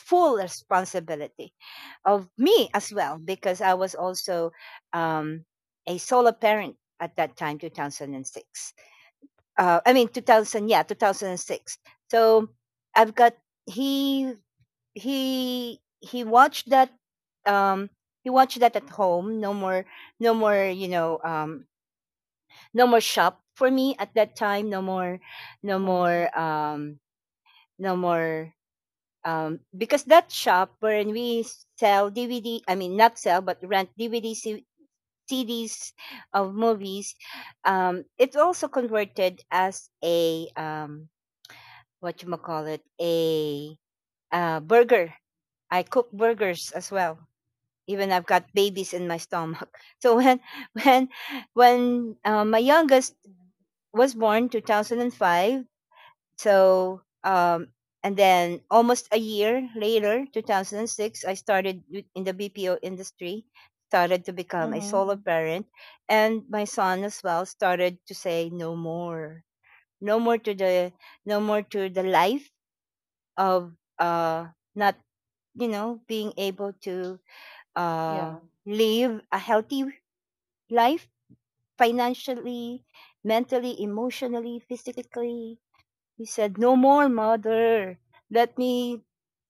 full responsibility of me as well because I was also um, a solo parent at that time, 2006. 2006. So I've got he he um watched that at home. No more, no more, no more shop for me at that time. No more, no
yeah,
more, no more, because that shop, wherein we sell dvd, I mean not sell but rent dvd, cds of movies. It's also converted as a, what you call it, a burger. I cook burgers as well, even I've got babies in my stomach. So when when my youngest
yeah.
was born 2005. So, and then almost a year later, 2006, I started in the BPO industry, started to become a
Mm-hmm.
solo parent. And my son as well started to say no more, no more to the, no more to the life of, uh, not, being able to, uh,
Yeah,
live a healthy life financially, mentally, emotionally, physically. He said, "No more, Mother. Let me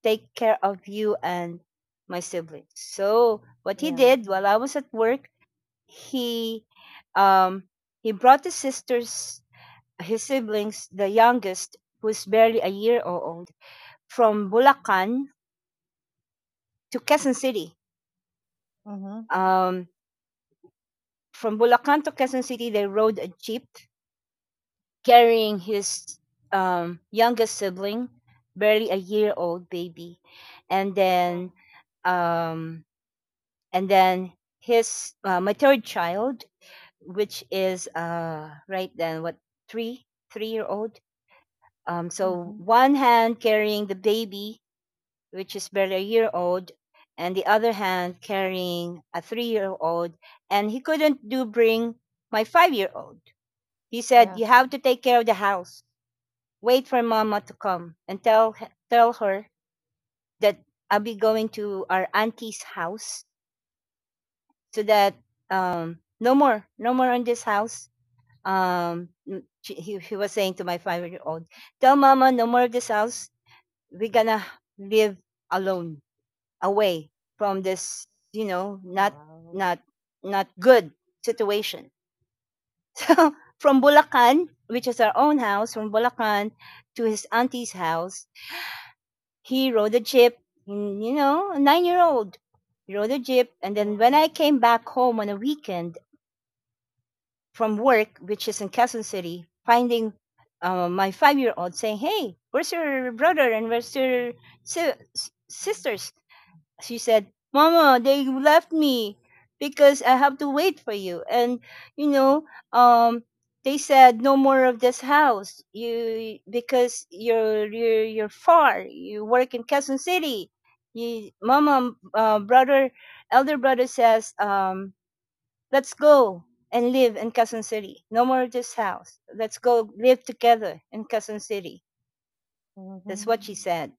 take care of you and my siblings." So what he
yeah.
did while I was at work, he um he brought his sisters, his siblings, the youngest, who's barely a year old, from Bulacan to Quezon City.
Mm-hmm.
Um from Bulacan to Quezon City, they rode a jeep carrying his youngest sibling, barely a year old baby, and
Yeah.
then um, and then his my third child, which is right then what, three three year old. So
Mm-hmm.
one hand carrying the baby, which is barely a year old, and the other hand carrying a 3 year old, and he couldn't do bring my 5 year old. He said,
Yeah.
"You have to take care of the house. Wait for Mama to come and tell tell her that I'll be going to our auntie's house, so that no more, no more on this house." He was saying to my 5 year old, "Tell Mama no more of this house. We're gonna live alone, away from this, you know,
Oh,
not
wow.
not not good situation." So from Bulacan, which is our own house, from Bulacan to his auntie's house, he rode a jeep, a 9 year old. He rode a jeep. And then when I
Wow.
came back home on a weekend from work, which is in Quezon City, finding my 5 year old saying, "Hey, where's your brother and where's your sisters?" She said, "Mama, they left me because I have to wait for you. And, you know, um, they said no more of this house. You, because you're far. You work in Quezon City. You, Mama, elder brother says, let's go and live in Quezon City. No more of this house. Let's go live together in Quezon City." That's
Mm-hmm.
what she said.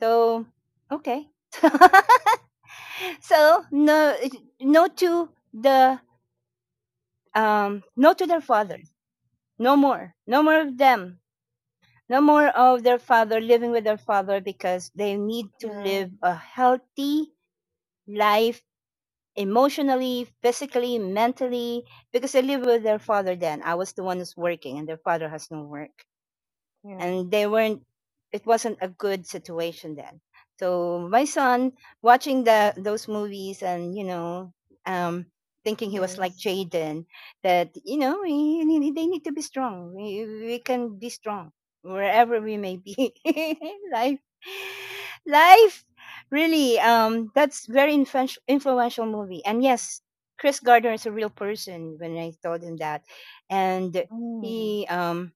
So, okay. So no, no to the no to their father. No more. No more of them. No more of their father, living with their father, because they need to
Yeah,
live a healthy life emotionally, physically, mentally. Because they live with their father, then I was the one who's working, and their father has no work.
yeah.
And they weren't it wasn't a good situation then. So my son, watching the those movies, and um thinking he was like
Yes.
Jaden, that they need to be strong. We can be strong wherever we may be. life life really, that's very influential movie. And yes, Chris Gardner is a real person. When I told him that, and
Mm.
he um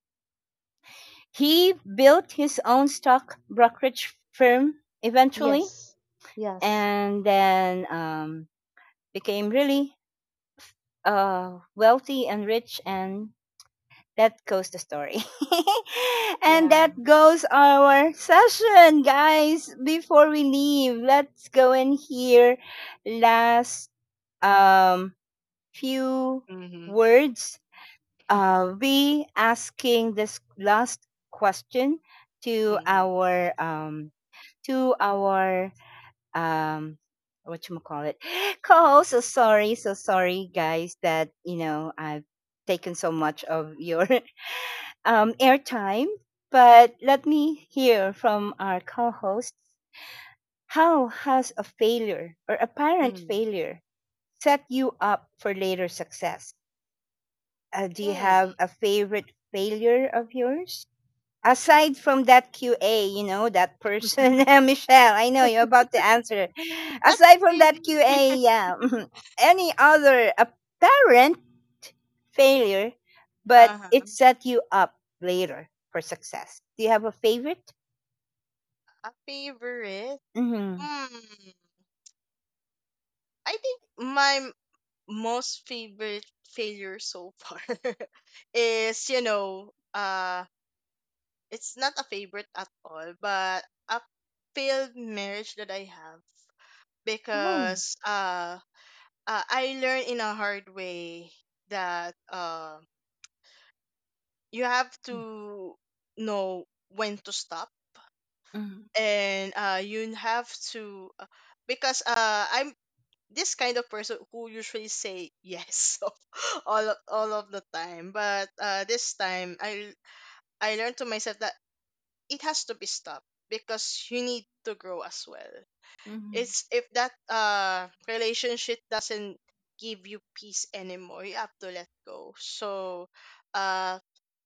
he built his own stock brokerage firm eventually,
Yes. Yes.
and then became really, wealthy and rich. And that goes the story. And
Yeah.
that goes our session, guys. Before we leave, let's go and hear last, um, few
Mhm.
words. We asking this last question to
Mhm.
our um what you call it co-host. So sorry, so sorry, guys, that I've taken so much of your airtime, but let me hear from our co-host. How has a failure or apparent
Mm.
failure set you up for later success? Do you
Mm.
have a favorite failure of yours, aside from that QA, that person, Michelle? I know you're about to answer.
Not
Aside from that
really.
QA, yeah, any other apparent failure, but
Uh-huh.
it set you up later for success. Do you have a favorite?
A favorite?
Mm-hmm.
Hmm. I think my most favorite failure so far is, you know, it's not a favorite at all, but a failed marriage that I have,
Oh.
because I learned in a hard way that you have to know when to stop,
Mm-hmm.
and you have to because I'm this kind of person who usually say yes of all of, all of the time. But this time I learned to myself that it has to be stopped, because you need to grow as well.
Mm-hmm.
It's if that relationship doesn't give you peace anymore, you have to let go. So uh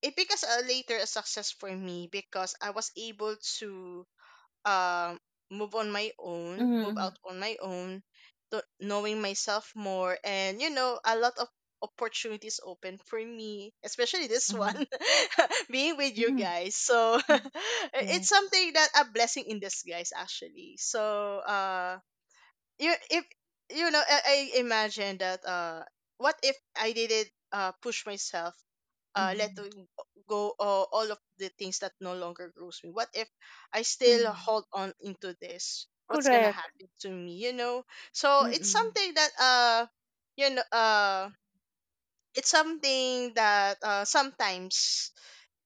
it becomes a later a success for me, because I was able to um move on my own, move
Mm-hmm.
out on my own, to knowing myself more, and you know, a lot of opportunities open for me, especially this one, being with you
Mm-hmm.
guys. So
Mm-hmm.
it's
Yes.
something that, a blessing in disguise, actually. So you, if you know, I imagine that what if I didn't push myself letting go all of the things that no longer grows me? What if I still
Mm-hmm.
hold on into this? What's gonna
Correct.
happen to me? You know, so it's
Mm-hmm.
something that you know, it's something that sometimes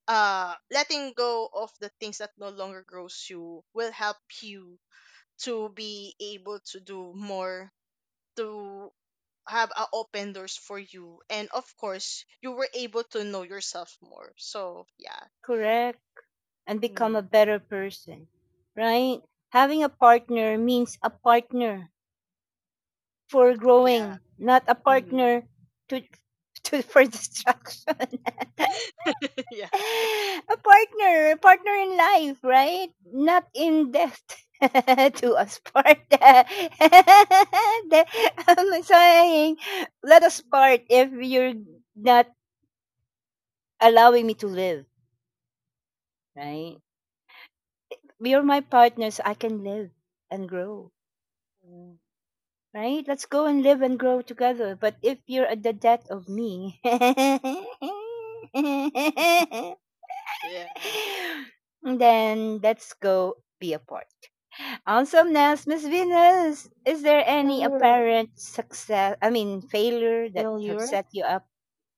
letting go of the things that no longer grows you will help you to be able to do more, to have open doors for you, and of course you were able to know yourself more. So yeah.
And become a
Mm.
better person, right? Having a partner means a partner for
Yeah.
growing, not a
Mm.
partner to, to for destruction.
Yeah.
A partner, a partner in life, right? Not in death. To us part. I'm saying, let us part if you're not allowing me to live, right? You're my partners. I can live and grow,
Yeah.
right? Let's go and live and grow together. But if you're at the death of me,
Yeah.
then let's go be apart. Awesomeness, Miss Venus. Is there any
Uh,
apparent success? I mean, failure that have
failure.
set you up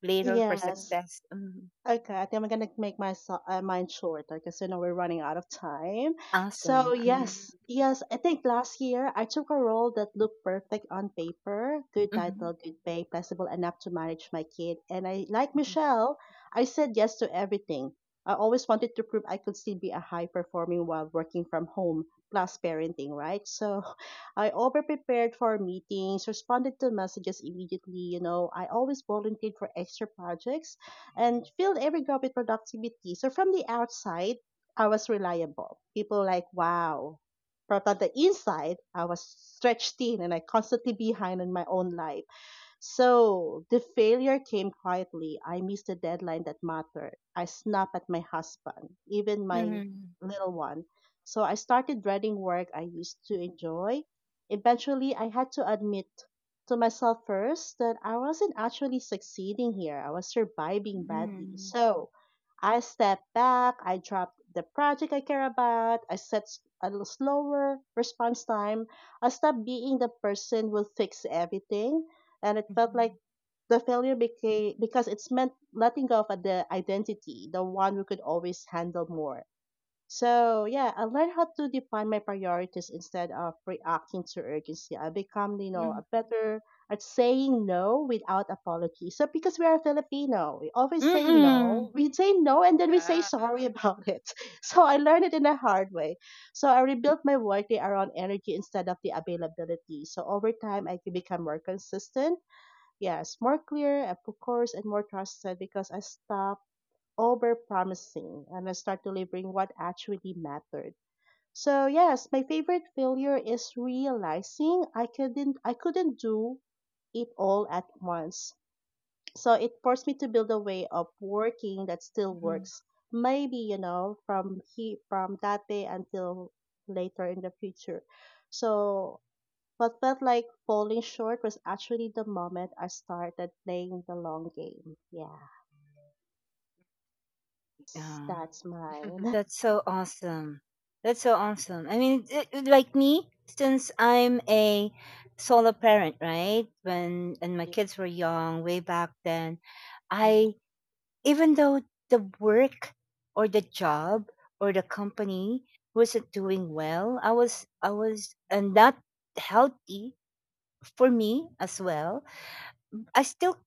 later for
Yes.
success? Mhm.
Okay, I think I'm gonna make my mine shorter, because you know we're running out of time. So
Awesome.
Mm.
yes, yes, I think last year I took a role that looked perfect on paper: good
Mhm. Mhm.
title, good pay, flexible enough to manage my kid, and I like Michelle. I said yes to everything. I always wanted to prove I could still be a high performing while working from home plus parenting, right? So I over prepared for meetings, responded to messages immediately. You know, I always volunteered for extra projects and filled every gap with productivity. So from the outside, I was reliable. People like, wow. But on the inside, I was stretched thin and I constantly behind in my own life. So the failure came quietly. I missed the deadline that mattered. I snapped at my husband, even my
Mhm.
little one. So I started dreading work I used to enjoy. Eventually, I had to admit to myself first that I wasn't actually succeeding here. I was surviving badly. So I stepped back. I dropped the project I care about. I set a slower response time. I stopped being the person who fix everything, and it
Mhm.
felt like
Mhm.
the failure became, because it's meant letting go of the identity, the one who could always handle more. So yeah, I learned how to define my priorities instead of reacting to urgency. I become, you know,
Mhm.
a better at saying no without apology. So because we are Filipino, we
Mhm.
always say no.
Mhm.
We say no and then we say
Yeah.
sorry about it. So I learned it in a hard way. So I rebuilt my workday around energy instead of the availability. So over time I could become more consistent, yes, more clear, of course, and more trusted because I stopped over promising and I start delivering what actually mattered. So yes, my favorite failure is realizing I couldn't do it all at once. So it forced me to build a way of working that still
Mhm.
works. Maybe, you know, from he from that day until later in the future. So what felt like falling short was actually the moment I started playing the long game. Yeah,
Yeah.
that's mine.
That's so awesome. That's so awesome. I mean, like me, since I'm a solo parent, right? When and my kids were young, way back then,
Mm-hmm.
I, even though the work or the job or the company wasn't doing well, I was and not healthy for me as well. I still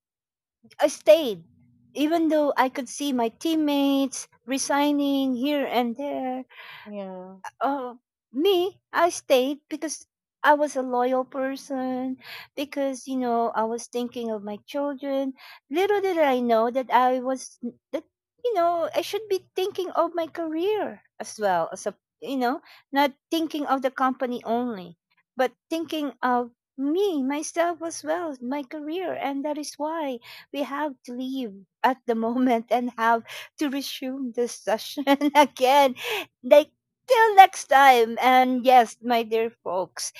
I stayed, even though I could see my teammates resigning here and there.
Yeah.
uh, Me, I stayed because I was a loyal person, because, I was thinking of my children. Little did I know that I was, that, you know, I should be thinking of my career as well, as a, you know, not thinking of the company only, but thinking of me, myself as well, my career. And that is why we have to leave at the moment, and have to resume this session again. Like, till next time. And yes, my dear folks,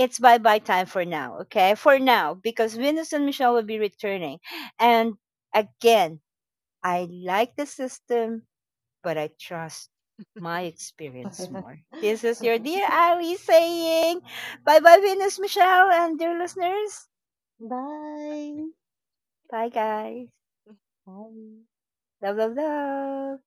it's bye bye time for now. Okay. For now, because Venus and Michelle will be returning. And again, I like the system, but I trust my experience more.
Yeah.
This
Mm.
is your dear Ali saying bye bye, Venus, Michelle, and dear listeners.
Bye.
Bye, guys.
Bye.
Love, love, love.